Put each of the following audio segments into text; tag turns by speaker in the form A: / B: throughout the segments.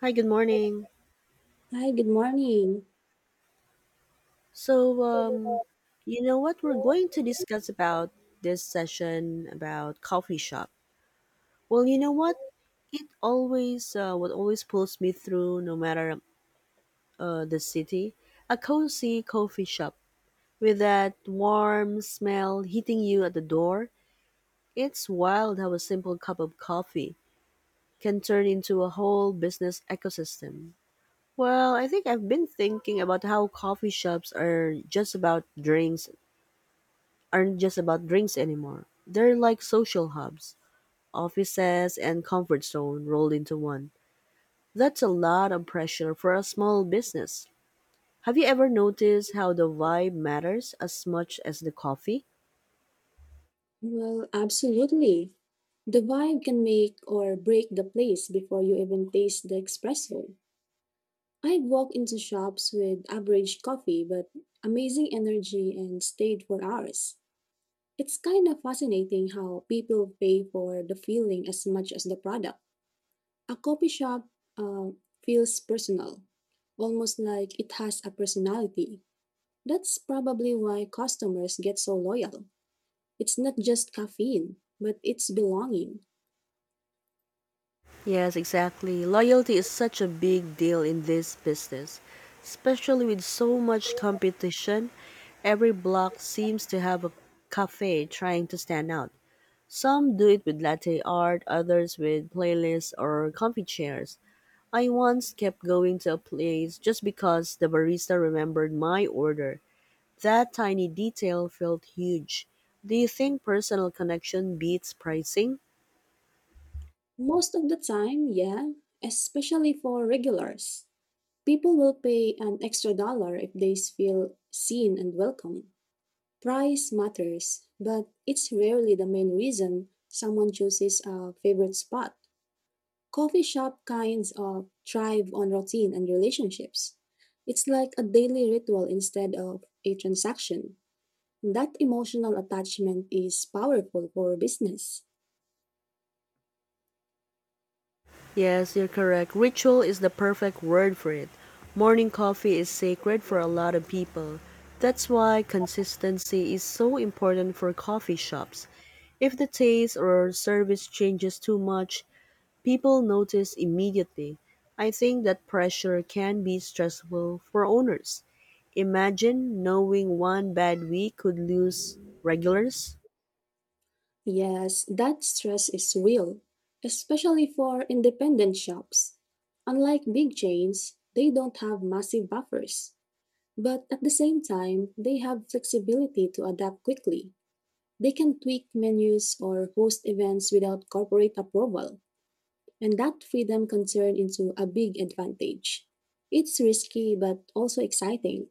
A: Hi, good morning.
B: Hi, good morning.
A: So, um, you know what we're going to discuss about this session about coffee shop. Well, you know what? It always what always pulls me through, no matter the city, a cozy coffee shop with that warm smell hitting you at the door. It's wild how a simple cup of coffee can turn into a whole business ecosystem. Well, I think I've been thinking about how coffee shops are just about drinks aren't just about drinks anymore. They're like social hubs, offices, and comfort zone rolled into one. That's a lot of pressure for a small business. Have you ever noticed how the vibe matters as much as the coffee?
B: Well, absolutely. The vibe can make or break the place before you even taste the espresso. I've walked into shops with average coffee but amazing energy and stayed for hours. It's kind of fascinating how people pay for the feeling as much as the product. A coffee shop uh, feels personal, almost like it has a personality. That's probably why customers get so loyal. It's not just caffeine, but it's belonging.
A: Yes, exactly. Loyalty is such a big deal in this business, especially with so much competition. Every block seems to have a cafe trying to stand out. Some do it with latte art, others with playlists or comfy chairs. I once kept going to a place just because the barista remembered my order. That tiny detail felt huge. Do you think personal connection beats pricing?
B: Most of the time, yeah, especially for regulars, people will pay an extra dollar if they feel seen and welcome. Price matters, but it's rarely the main reason someone chooses a favorite spot. Coffee shop kinds of thrive on routine and relationships. It's like a daily ritual instead of a transaction. That emotional attachment is powerful for business.
A: Yes, you're correct. Ritual is the perfect word for it. Morning coffee is sacred for a lot of people. That's why consistency is so important for coffee shops. If the taste or service changes too much, people notice immediately. I think that pressure can be stressful for owners. Imagine knowing one bad week could lose regulars.
B: Yes, that stress is real, especially for independent shops. Unlike big chains, they don't have massive buffers, but at the same time, they have flexibility to adapt quickly. They can tweak menus or host events without corporate approval, and that freedom can turn into a big advantage. It's risky but also exciting.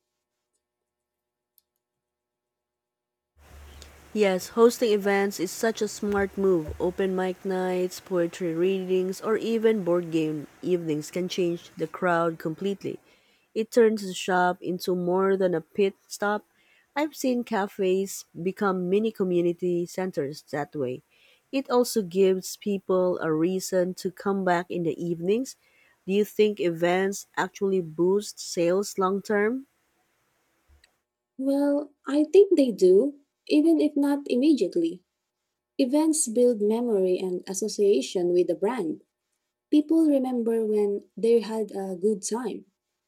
A: Yes, hosting events is such a smart move. Open mic nights, poetry readings, or even board game evenings can change the crowd completely. It turns the shop into more than a pit stop. I've seen cafes become mini community centers that way. It also gives people a reason to come back in the evenings. Do you think events actually boost sales long term?
B: Well, I think they do, even if not immediately. Events build memory and association with the brand. People remember when they had a good time.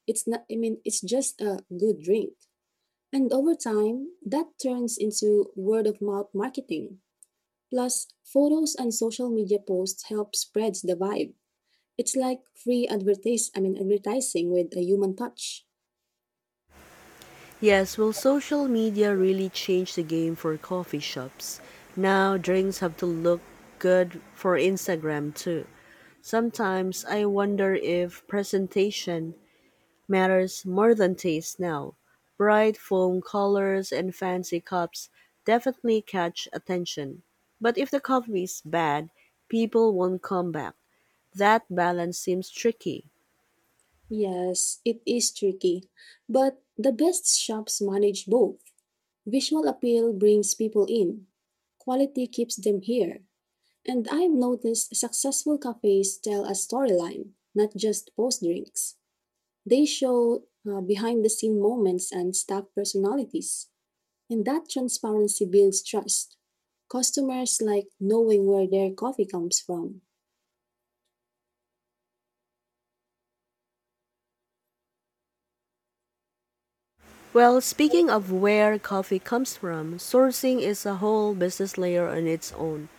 B: It's not, I mean, It's just a good drink. And over time, that turns into word of mouth marketing. Plus, photos and social media posts help spread the vibe. It's like free advertise, I mean, advertising with a human touch.
A: Yes, will social media really change the game for coffee shops? Now drinks have to look good for Instagram too. Sometimes I wonder if presentation matters more than taste now. Bright foam colors and fancy cups definitely catch attention. But if the coffee is bad, people won't come back. That balance seems tricky.
B: Yes, it is tricky, but the best shops manage both. Visual appeal brings people in, quality keeps them here. And I've noticed successful cafes tell a storyline, not just post drinks. They show behind the scene moments and staff personalities. And that transparency builds trust. Customers like knowing where their coffee comes from.
A: Well, speaking of where coffee comes from, sourcing is a whole business layer on its own.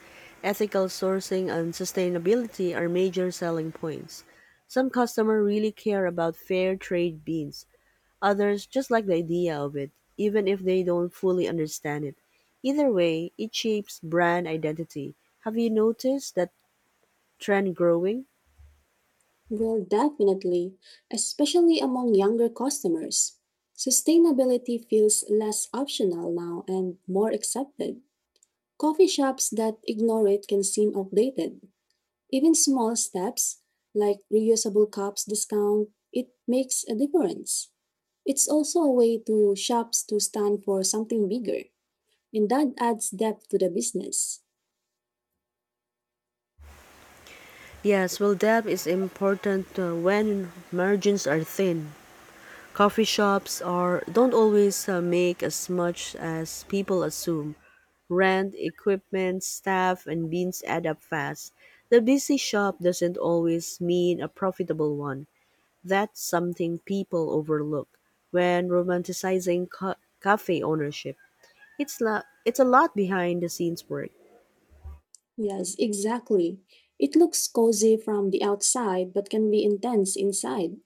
A: Ethical sourcing and sustainability are major selling points. Some customers really care about fair trade beans, others just like the idea of it, even if they don't fully understand it. Either way, it shapes brand identity. Have you noticed that trend growing?
B: Well, definitely, especially among younger customers. Sustainability feels less optional now and more accepted. Coffee shops that ignore it can seem outdated. Even small steps, like reusable cups discount, it makes a difference. It's also a way to shops to stand for something bigger, and that adds depth to the business.
A: Yes, well, depth is important when margins are thin, coffee shops are don't always make as much as people assume. Rent, equipment, staff, and beans add up fast. The busy shop doesn't always mean a profitable one. That's something people overlook when romanticizing cafe ownership. It's a lot behind the scenes work.
B: Yes, exactly. It looks cozy from the outside but can be intense inside.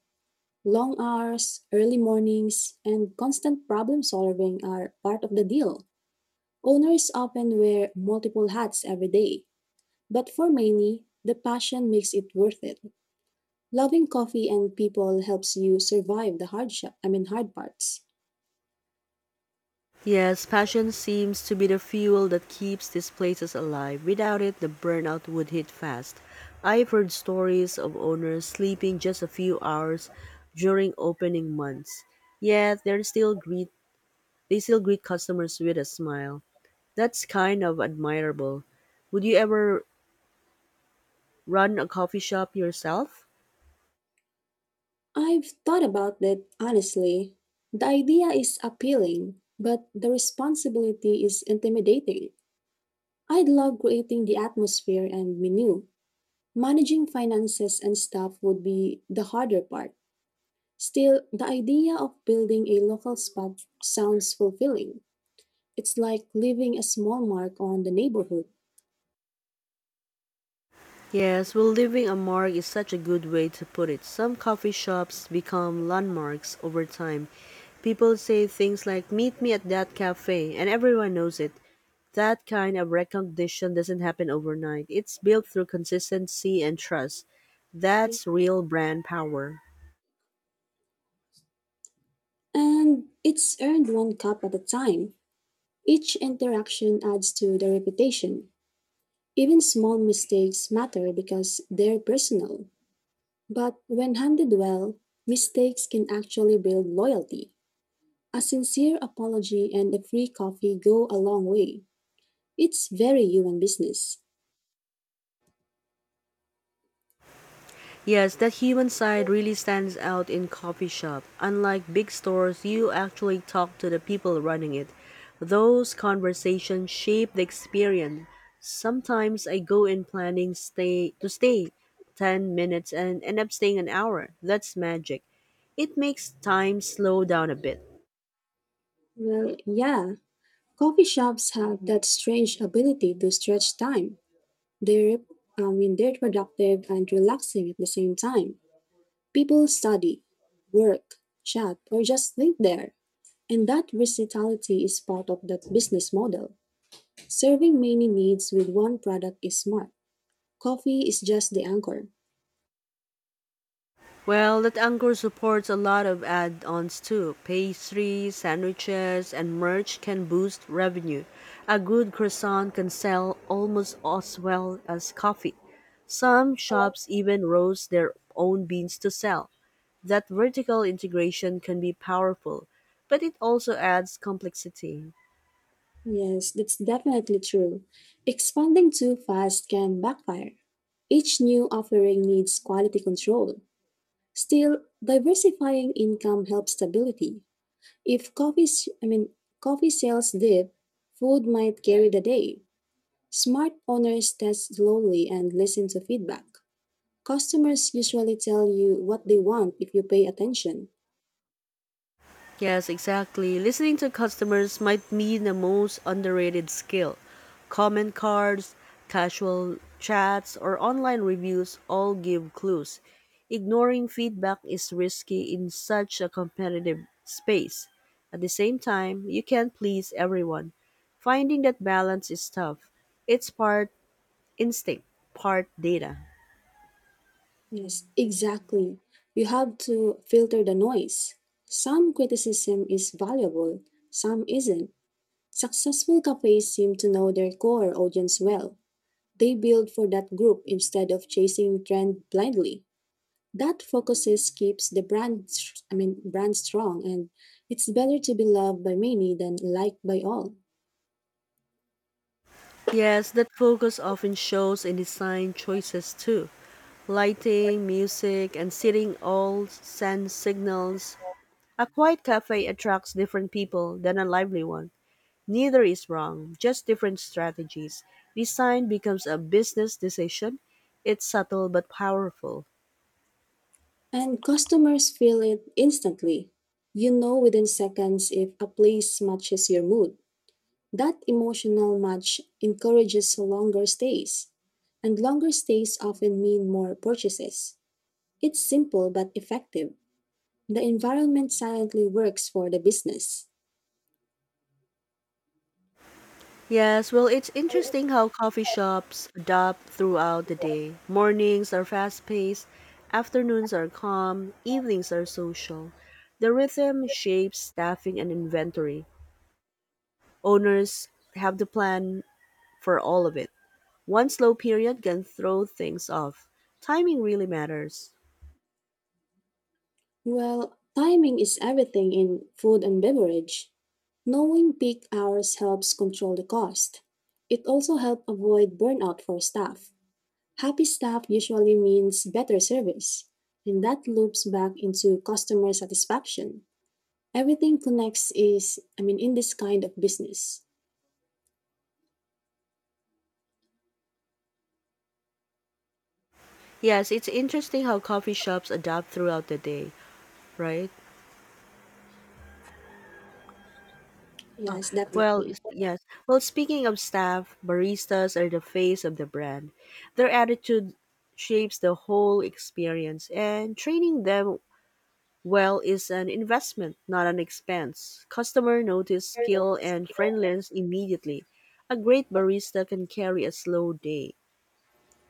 B: Long hours, early mornings, and constant problem solving are part of the deal. Owners often wear multiple hats every day, but for many, the passion makes it worth it. Loving coffee and people helps you survive the hard parts.
A: Yes, passion seems to be the fuel that keeps these places alive. Without it, the burnout would hit fast. I've heard stories of owners sleeping just a few hours during opening months. Yet they still greet customers with a smile. That's kind of admirable. Would you ever run a coffee shop yourself?
B: I've thought about it honestly. The idea is appealing, but the responsibility is intimidating. I love creating the atmosphere and menu, managing finances and staff would be the harder part. Still, the idea of building a local spa sounds fulfilling. It's like leaving a small mark on the neighborhood.
A: Yes, well, leaving a mark is such a good way to put it. Some coffee shops become landmarks over time. People say things like, meet me at that cafe, and everyone knows it. That kind of recognition doesn't happen overnight, it's built through consistency and trust. That's real brand power.
B: And it's earned one cup at a time. Each interaction adds to the reputation. Even small mistakes matter because they're personal. But when handled well, mistakes can actually build loyalty. A sincere apology and a free coffee go a long way. It's very human business.
A: Yes, that human side really stands out in coffee shop. Unlike big stores, you actually talk to the people running it. Those conversations shape the experience. Sometimes I go in planning stay to stay 10 minutes and end up staying an hour. That's magic. It makes time slow down a bit.
B: Well, yeah, coffee shops have that strange ability to stretch time. They're, they're productive and relaxing at the same time. People study, work, chat, or just live there. And that versatility is part of that business model. Serving many needs with one product is smart. Coffee is just the anchor.
A: Well, that anchor supports a lot of add-ons too. Pastries, sandwiches, and merch can boost revenue. A good croissant can sell almost as well as coffee. Some shops even roast their own beans to sell. That vertical integration can be powerful, but it also adds complexity.
B: Yes, that's definitely true. Expanding too fast can backfire. Each new offering needs quality control. Still, diversifying income helps stability. If coffee, s- I mean, coffee sales dip, food might carry the day. Smart owners test slowly and listen to feedback. Customers usually tell you what they want if you pay attention.
A: Yes, exactly. Listening to customers might mean the most underrated skill. Comment cards, casual chats, or online reviews all give clues. Ignoring feedback is risky in such a competitive space. At the same time, you can't please everyone. Finding that balance is tough. It's part instinct, part data.
B: Yes, exactly. You have to filter the noise. Some criticism is valuable, some isn't. Successful cafes seem to know their core audience well. They build for that group instead of chasing trend blindly. That focuses keeps the brand strong, and it's better to be loved by many than liked by all.
A: Yes, that focus often shows in design choices too. Lighting, music, and seating all send signals. A quiet cafe attracts different people than a lively one. Neither is wrong, just different strategies. Design becomes a business decision. It's subtle but powerful.
B: And customers feel it instantly. You know within seconds if a place matches your mood. That emotional match encourages longer stays, and longer stays often mean more purchases. It's simple but effective. The environment silently works for the business.
A: Yes, well, it's interesting how coffee shops adapt throughout the day. Mornings are fast paced, afternoons are calm, evenings are social. The rhythm shapes staffing and inventory. Owners have to plan for all of it. One slow period can throw things off. Timing really matters.
B: Well, timing is everything in food and beverage. Knowing peak hours helps control the cost. It also helps avoid burnout for staff. Happy staff usually means better service, and that loops back into customer satisfaction. Everything connects in this kind of business.
A: Yes, it's interesting how coffee shops adapt throughout the day, right?
B: Yes, definitely.
A: Yes. Well, speaking of staff, baristas are the face of the brand. Their attitude shapes the whole experience, and training them well is an investment, not an expense. Customer notice skill and friendliness immediately. A great barista can carry a slow day.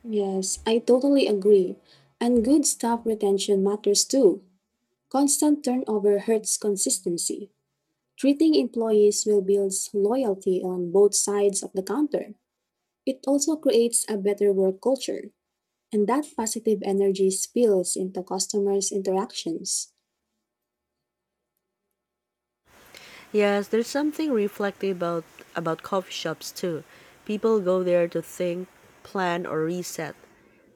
B: Yes, I totally agree. And good staff retention matters too. Constant turnover hurts consistency. Treating employees will build loyalty on both sides of the counter. It also creates a better work culture, and that positive energy spills into customers' interactions.
A: Yes, there's something reflective about coffee shops too. People go there to think, plan, or reset.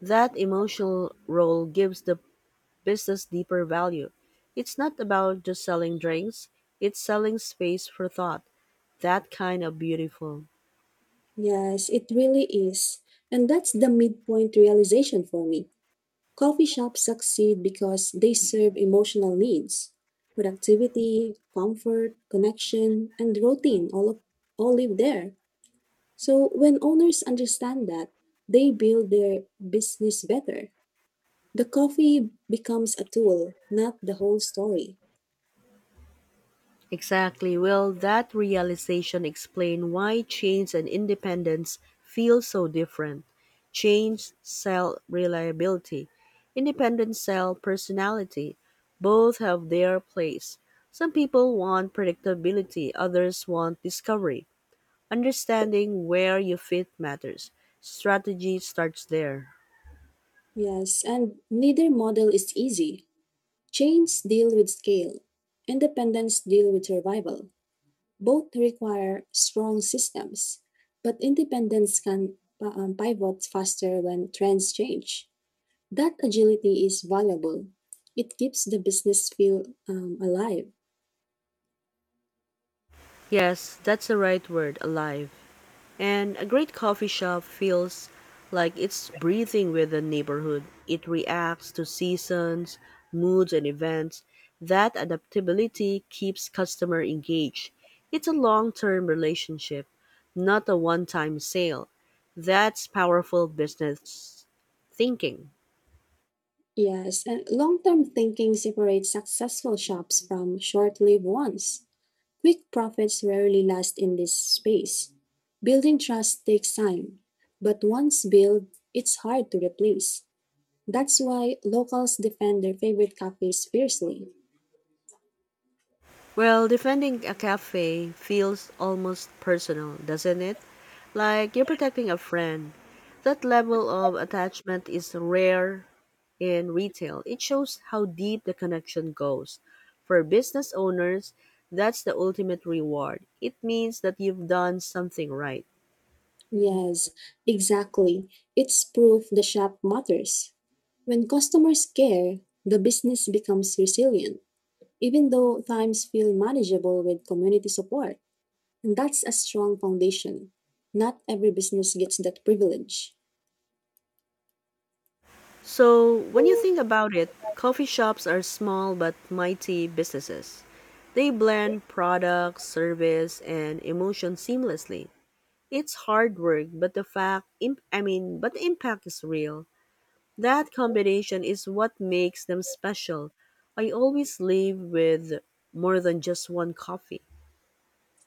A: That emotional role gives the business deeper value. It's not about just selling drinks, it's selling space for thought. That kind of beautiful.
B: Yes, it really is. And that's the midpoint realization for me. Coffee shops succeed because they serve emotional needs. Productivity, comfort, connection, and routine all live there. So when owners understand that, they build their business better. The coffee becomes a tool, not the whole story.
A: Exactly. Will that realization explain why chains and independence feel so different? Chains sell reliability, independents sell personality. Both have their place. Some people want predictability, others want discovery. Understanding where you fit matters. Strategy starts there.
B: Yes, and neither model is easy. Chains deal with scale, independence deal with survival. Both require strong systems, but independence can pivot faster when trends change. That agility is valuable. It keeps the business feel alive.
A: Yes, that's the right word alive. And a great coffee shop feels like it's breathing with the neighborhood. It reacts to seasons, moods, and events. That adaptability keeps customer engaged. It's a long-term relationship, not a one-time sale. That's powerful business thinking.
B: Yes, and long term thinking separates successful shops from short lived ones. Quick profits rarely last in this space. Building trust takes time, but once built, it's hard to replace. That's why locals defend their favorite cafes fiercely.
A: Well, defending a cafe feels almost personal, doesn't it? Like you're protecting a friend. That level of attachment is rare in retail, it shows how deep the connection goes. For business owners, that's the ultimate reward. It means that you've done something right.
B: Yes, exactly. It's proof the shop matters. When customers care, the business becomes resilient, even though times feel manageable with community support. And that's a strong foundation. Not every business gets that privilege.
A: So, when you think about it, coffee shops are small but mighty businesses. They blend product, service, and emotion seamlessly. It's hard work, but the fact, I mean, but the impact is real. That combination is what makes them special. I always leave with more than just one coffee.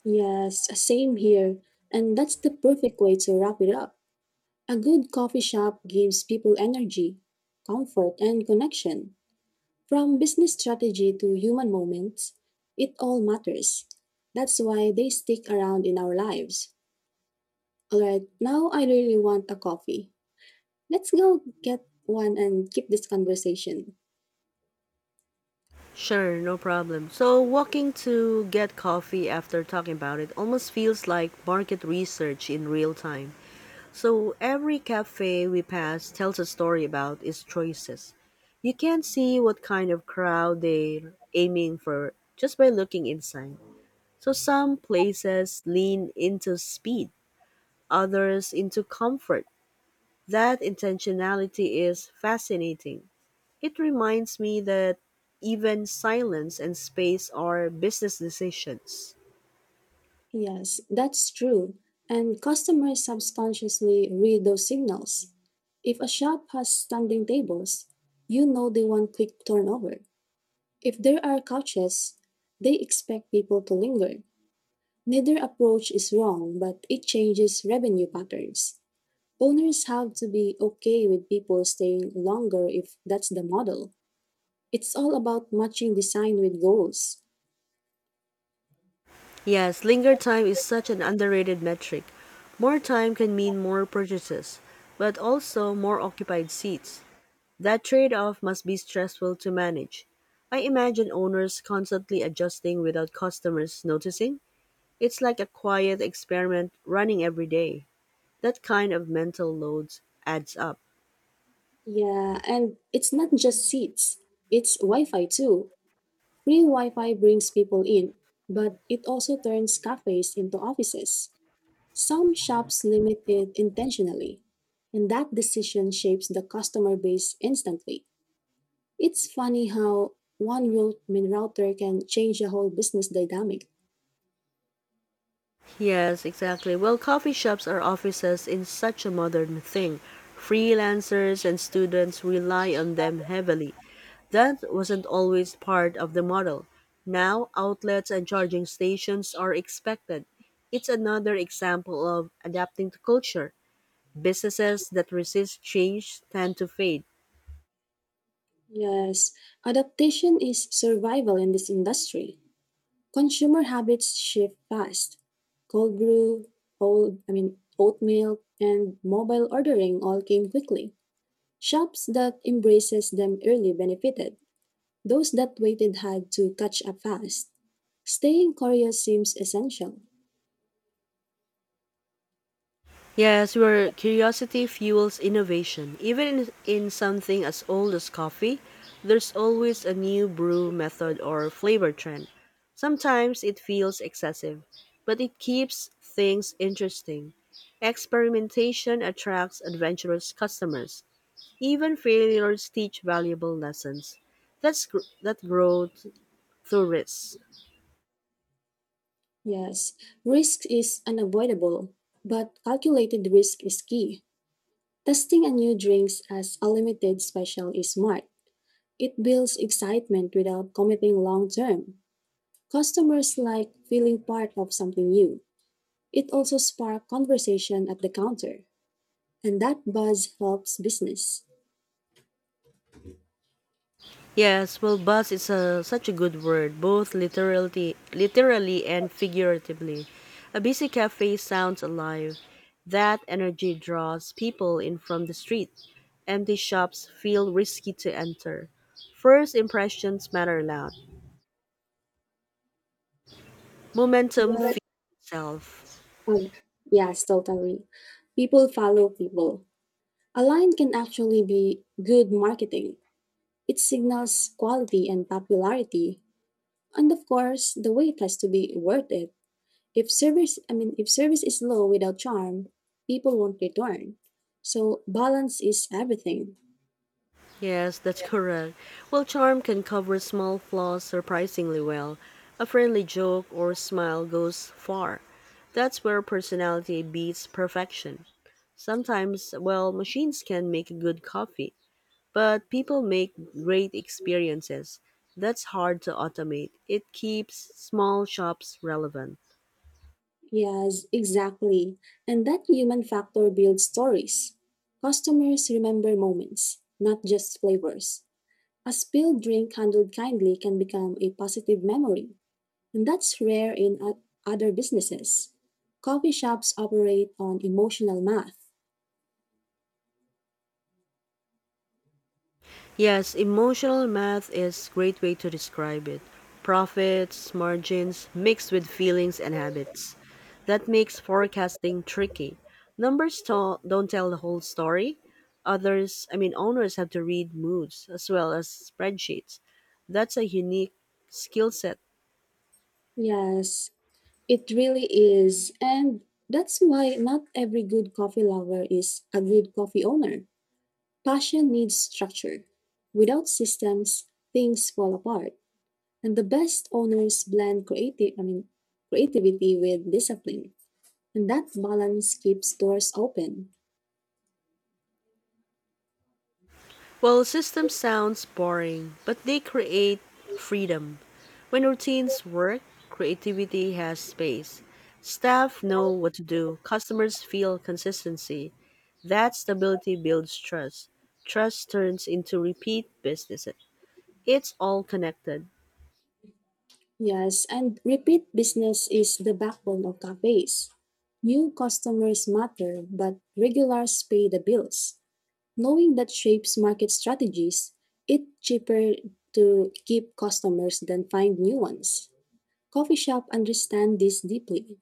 B: Yes, same here. And that's the perfect way to wrap it up. A good coffee shop gives people energy, comfort, and connection. From business strategy to human moments, it all matters. That's why they stick around in our lives. Alright, now I really want a coffee. Let's go get one and keep this conversation.
A: Sure, no problem. So, walking to get coffee after talking about it almost feels like market research in real time. So, every cafe we pass tells a story about its choices. You can see what kind of crowd they're aiming for just by looking inside. So, some places lean into speed, others into comfort. That intentionality is fascinating. It reminds me that even silence and space are business decisions.
B: Yes, that's true. And customers subconsciously read those signals. If a shop has standing tables, you know they want quick turnover. If there are couches, they expect people to linger. Neither approach is wrong, but it changes revenue patterns. Owners have to be okay with people staying longer if that's the model. It's all about matching design with goals.
A: Yes, linger time is such an underrated metric. More time can mean more purchases, but also more occupied seats. That trade off must be stressful to manage. I imagine owners constantly adjusting without customers noticing. It's like a quiet experiment running every day. That kind of mental load adds up.
B: Yeah, and it's not just seats, it's Wi Fi too. Free Wi-Fi brings people in, but it also turns cafes into offices. Some shops limit it intentionally, and that decision shapes the customer base instantly. It's funny how one router can change the whole business dynamic.
A: Yes, exactly. Well, coffee shops are offices in such a modern thing. Freelancers and students rely on them heavily. That wasn't always part of the model. Now, outlets and charging stations are expected. It's another example of adapting to culture. Businesses that resist change tend to fade.
B: Yes, adaptation is survival in this industry. Consumer habits shift fast. Cold brew, old I mean oat milk, and mobile ordering all came quickly. Shops that embraces them early benefited. Those that waited had to catch up fast. Staying curious seems essential.
A: Yes, where curiosity fuels innovation. Even in something as old as coffee, there's always a new brew method or flavor trend. Sometimes it feels excessive, but it keeps things interesting. Experimentation attracts adventurous customers. Even failures teach valuable lessons. That growth through risk.
B: Yes, risk is unavoidable, but calculated risk is key. Testing a new drinks as a limited special is smart. It builds excitement without committing long term. Customers like feeling part of something new. It also sparks conversation at the counter, and that buzz helps business.
A: Yes, well, buzz is such a good word, both literally and figuratively. A busy cafe sounds alive. That energy draws people in from the street. Empty shops feel risky to enter. First impressions matter loud. Momentum
B: Well,
A: feeds itself.
B: oh yeah, yes, totally. People follow people. A line can actually be good marketing. It signals quality and popularity. And of course, the wait has to be worth it. If service is low without charm, people won't return. So balance is everything.
A: Yes, that's correct. Well, charm can cover small flaws surprisingly well. A friendly joke or smile goes far. That's where personality beats perfection. Sometimes, well, machines can make good coffee, but people make great experiences. That's hard to automate. It keeps small shops relevant.
B: Yes, exactly. And that human factor builds stories. Customers remember moments, not just flavors. A spilled drink handled kindly can become a positive memory, and that's rare in other businesses. Coffee shops operate on emotional math.
A: Yes, emotional math is great way to describe it. Profits, margins mixed with feelings and habits. That makes forecasting tricky. Numbers don't tell the whole story. Owners have to read moods as well as spreadsheets. That's a unique skill set.
B: Yes, it really is. And that's why not every good coffee lover is a good coffee owner. Passion needs structure. Without systems, things fall apart. And the best owners blend creativity with discipline. And that balance keeps doors open.
A: Well, system sounds boring, but they create freedom. When routines work, creativity has space. Staff know what to do, customers feel consistency. That stability builds trust. Trust turns into repeat business. It's all connected.
B: Yes, and repeat business is the backbone of cafes. New customers matter, but regulars pay the bills. Knowing that shapes market strategies, it's cheaper to keep customers than find new ones. Coffee shop understand this deeply.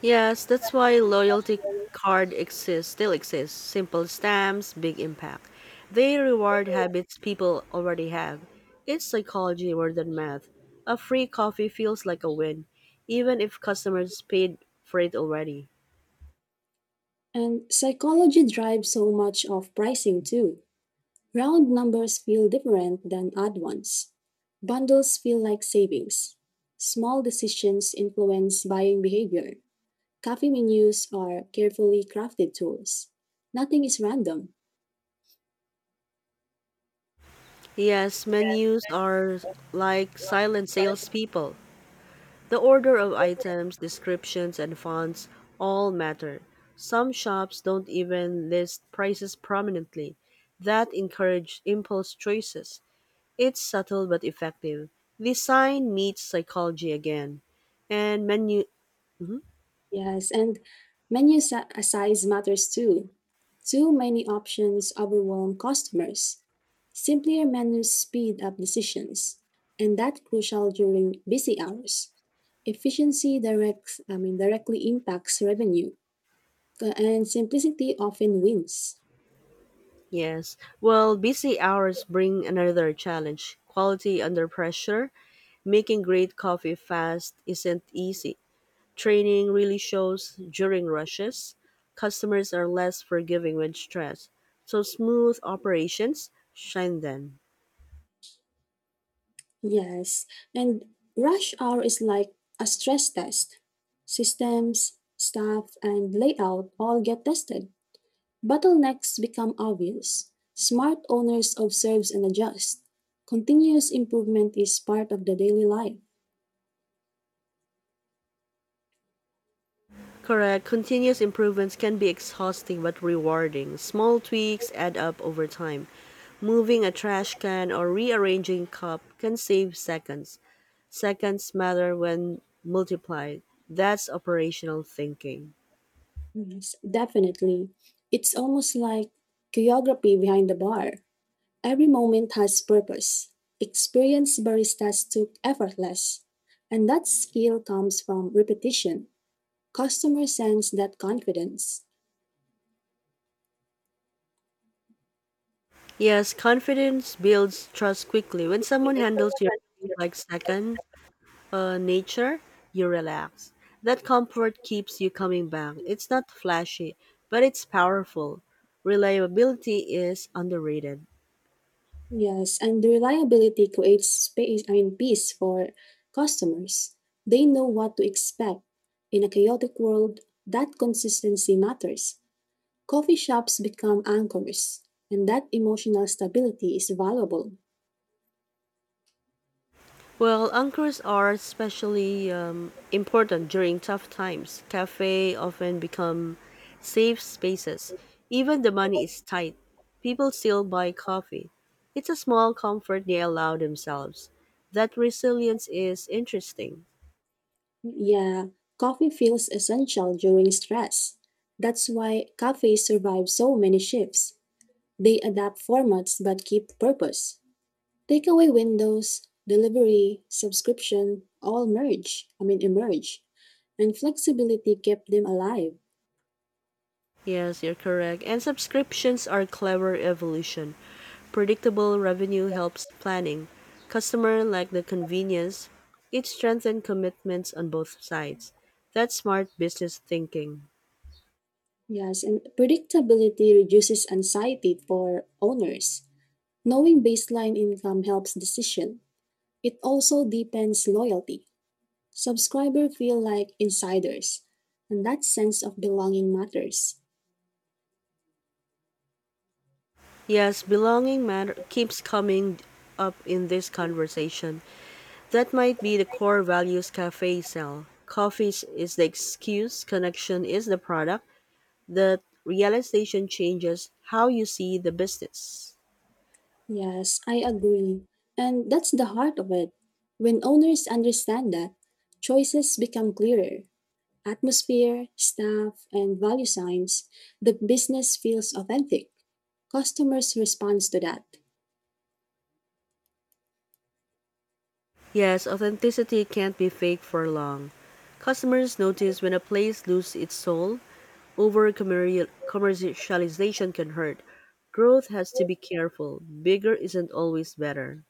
A: Yes, that's why still exists. Simple stamps, big impact. They reward habits people already have. It's psychology more than math. A free coffee feels like a win, even if customers paid for it already.
B: And psychology drives so much of pricing too. Round numbers feel different than odd ones. Bundles feel like savings. Small decisions influence buying behavior. Coffee menus are carefully crafted tools. Nothing is random.
A: Yes, menus are like silent salespeople. The order of items, descriptions, and fonts all matter. Some shops don't even list prices prominently. That encourages impulse choices. It's subtle but effective. Design meets psychology again. And menu. Mhm,
B: Yes, and menu size matters too. Too many options overwhelm customers. Simpler menus speed up decisions, and that's crucial during busy hours. Efficiency directly impacts revenue, and simplicity often wins.
A: yes. Well, busy hours bring another challenge quality under pressure. Making great coffee fast isn't easy. Training really shows during rushes. Customers are less forgiving when stressed. So smooth operations shine then.
B: Yes, and rush hour is like a stress test. Systems, staff, and layout all get tested. Bottlenecks become obvious. Smart owners observes and adjust. Continuous improvement is part of the daily life.
A: Correct. Continuous improvements can be exhausting but rewarding. Small tweaks add up over time. Moving a trash can or rearranging cup can save seconds. Seconds matter when multiplied. That's operational thinking.
B: Yes, definitely. It's almost like choreography behind the bar. Every moment has purpose. Experienced baristas took effortless, and that skill comes from repetition. Customers sense that confidence.
A: Yes, confidence builds trust quickly. When someone handles your things like second nature, you relax. That comfort keeps you coming back. It's not flashy, but it's powerful. Reliability is underrated.
B: Yes, and the reliability creates peace for customers. They know what to expect. In a chaotic world, that consistency matters. Coffee shops become anchors, and that emotional stability is valuable.
A: Well, anchors are especially important during tough times. Cafe often become safe spaces. Even the money is tight, people still buy coffee. It's a small comfort they allow themselves. That resilience is interesting.
B: Yeah, coffee feels essential during stress. That's why cafes survive so many shifts. They adapt formats but keep purpose. Takeaway windows, delivery, subscription, all merge, I mean emerge. And flexibility kept them alive.
A: Yes, you're correct. And subscriptions are clever evolution. Predictable revenue helps planning. Customer like the convenience. It strengthens commitments on both sides. That's smart business thinking.
B: Yes, and predictability reduces anxiety for owners. Knowing baseline income helps decision. It also deepens loyalty. Subscribers feel like insiders, and that sense of belonging matters.
A: Yes, belonging matter keeps coming up in this conversation. That might be the core values cafe sell. Coffee is the excuse, connection is the product. The realization changes how you see the business.
B: Yes, I agree. And that's the heart of it. When owners understand that, choices become clearer atmosphere, staff, and value signs, the business feels authentic. Customers respond to that.
A: Yes, authenticity can't be fake for long. Customers notice when a place loses its soul. Over commercialization can hurt. Growth has to be careful. Bigger isn't always better.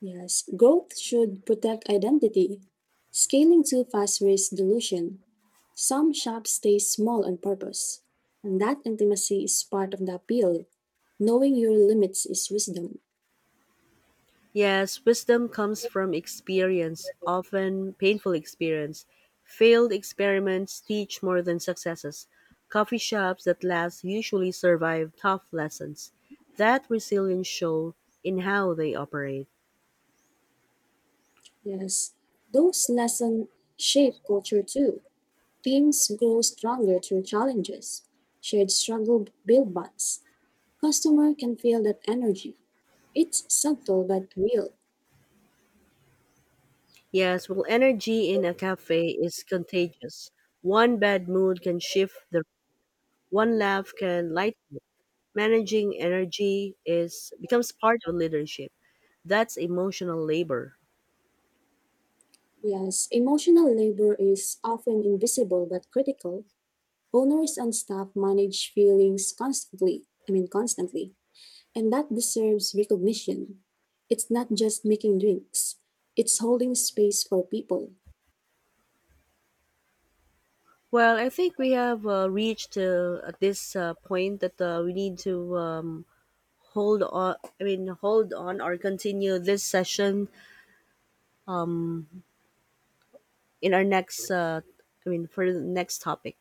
B: Yes, growth should protect identity. Scaling too fast risks dilution. Some shops stay small on purpose, and that intimacy is part of the appeal. Knowing your limits is wisdom.
A: Yes, wisdom comes from experience, often painful experience. Failed experiments teach more than successes. Coffee shops that last usually survive tough lessons. That resilience show in how they operate.
B: Yes, those lessons shape culture too. Teams grow stronger through challenges. Shared struggle build bonds. Customer can feel that energy. It's subtle but real.
A: Yes, well, energy in a cafe is contagious. One bad mood can shift the one laugh can lighten it. Managing energy is becomes part of leadership. That's emotional labor.
B: Yes, emotional labor is often invisible but critical. Owners and staff manage feelings constantly, I mean constantly, and that deserves recognition. It's not just making drinks, it's holding space for people.
A: Well, I think we have reached at this point that we need to hold on or continue this session in our next. For the next topic.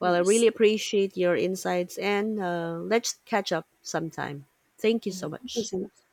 A: Well, I really
B: Yes.
A: appreciate your insights and let's catch up sometime. Thank you
B: Yeah,
A: so
B: thank you
A: much.
B: so much.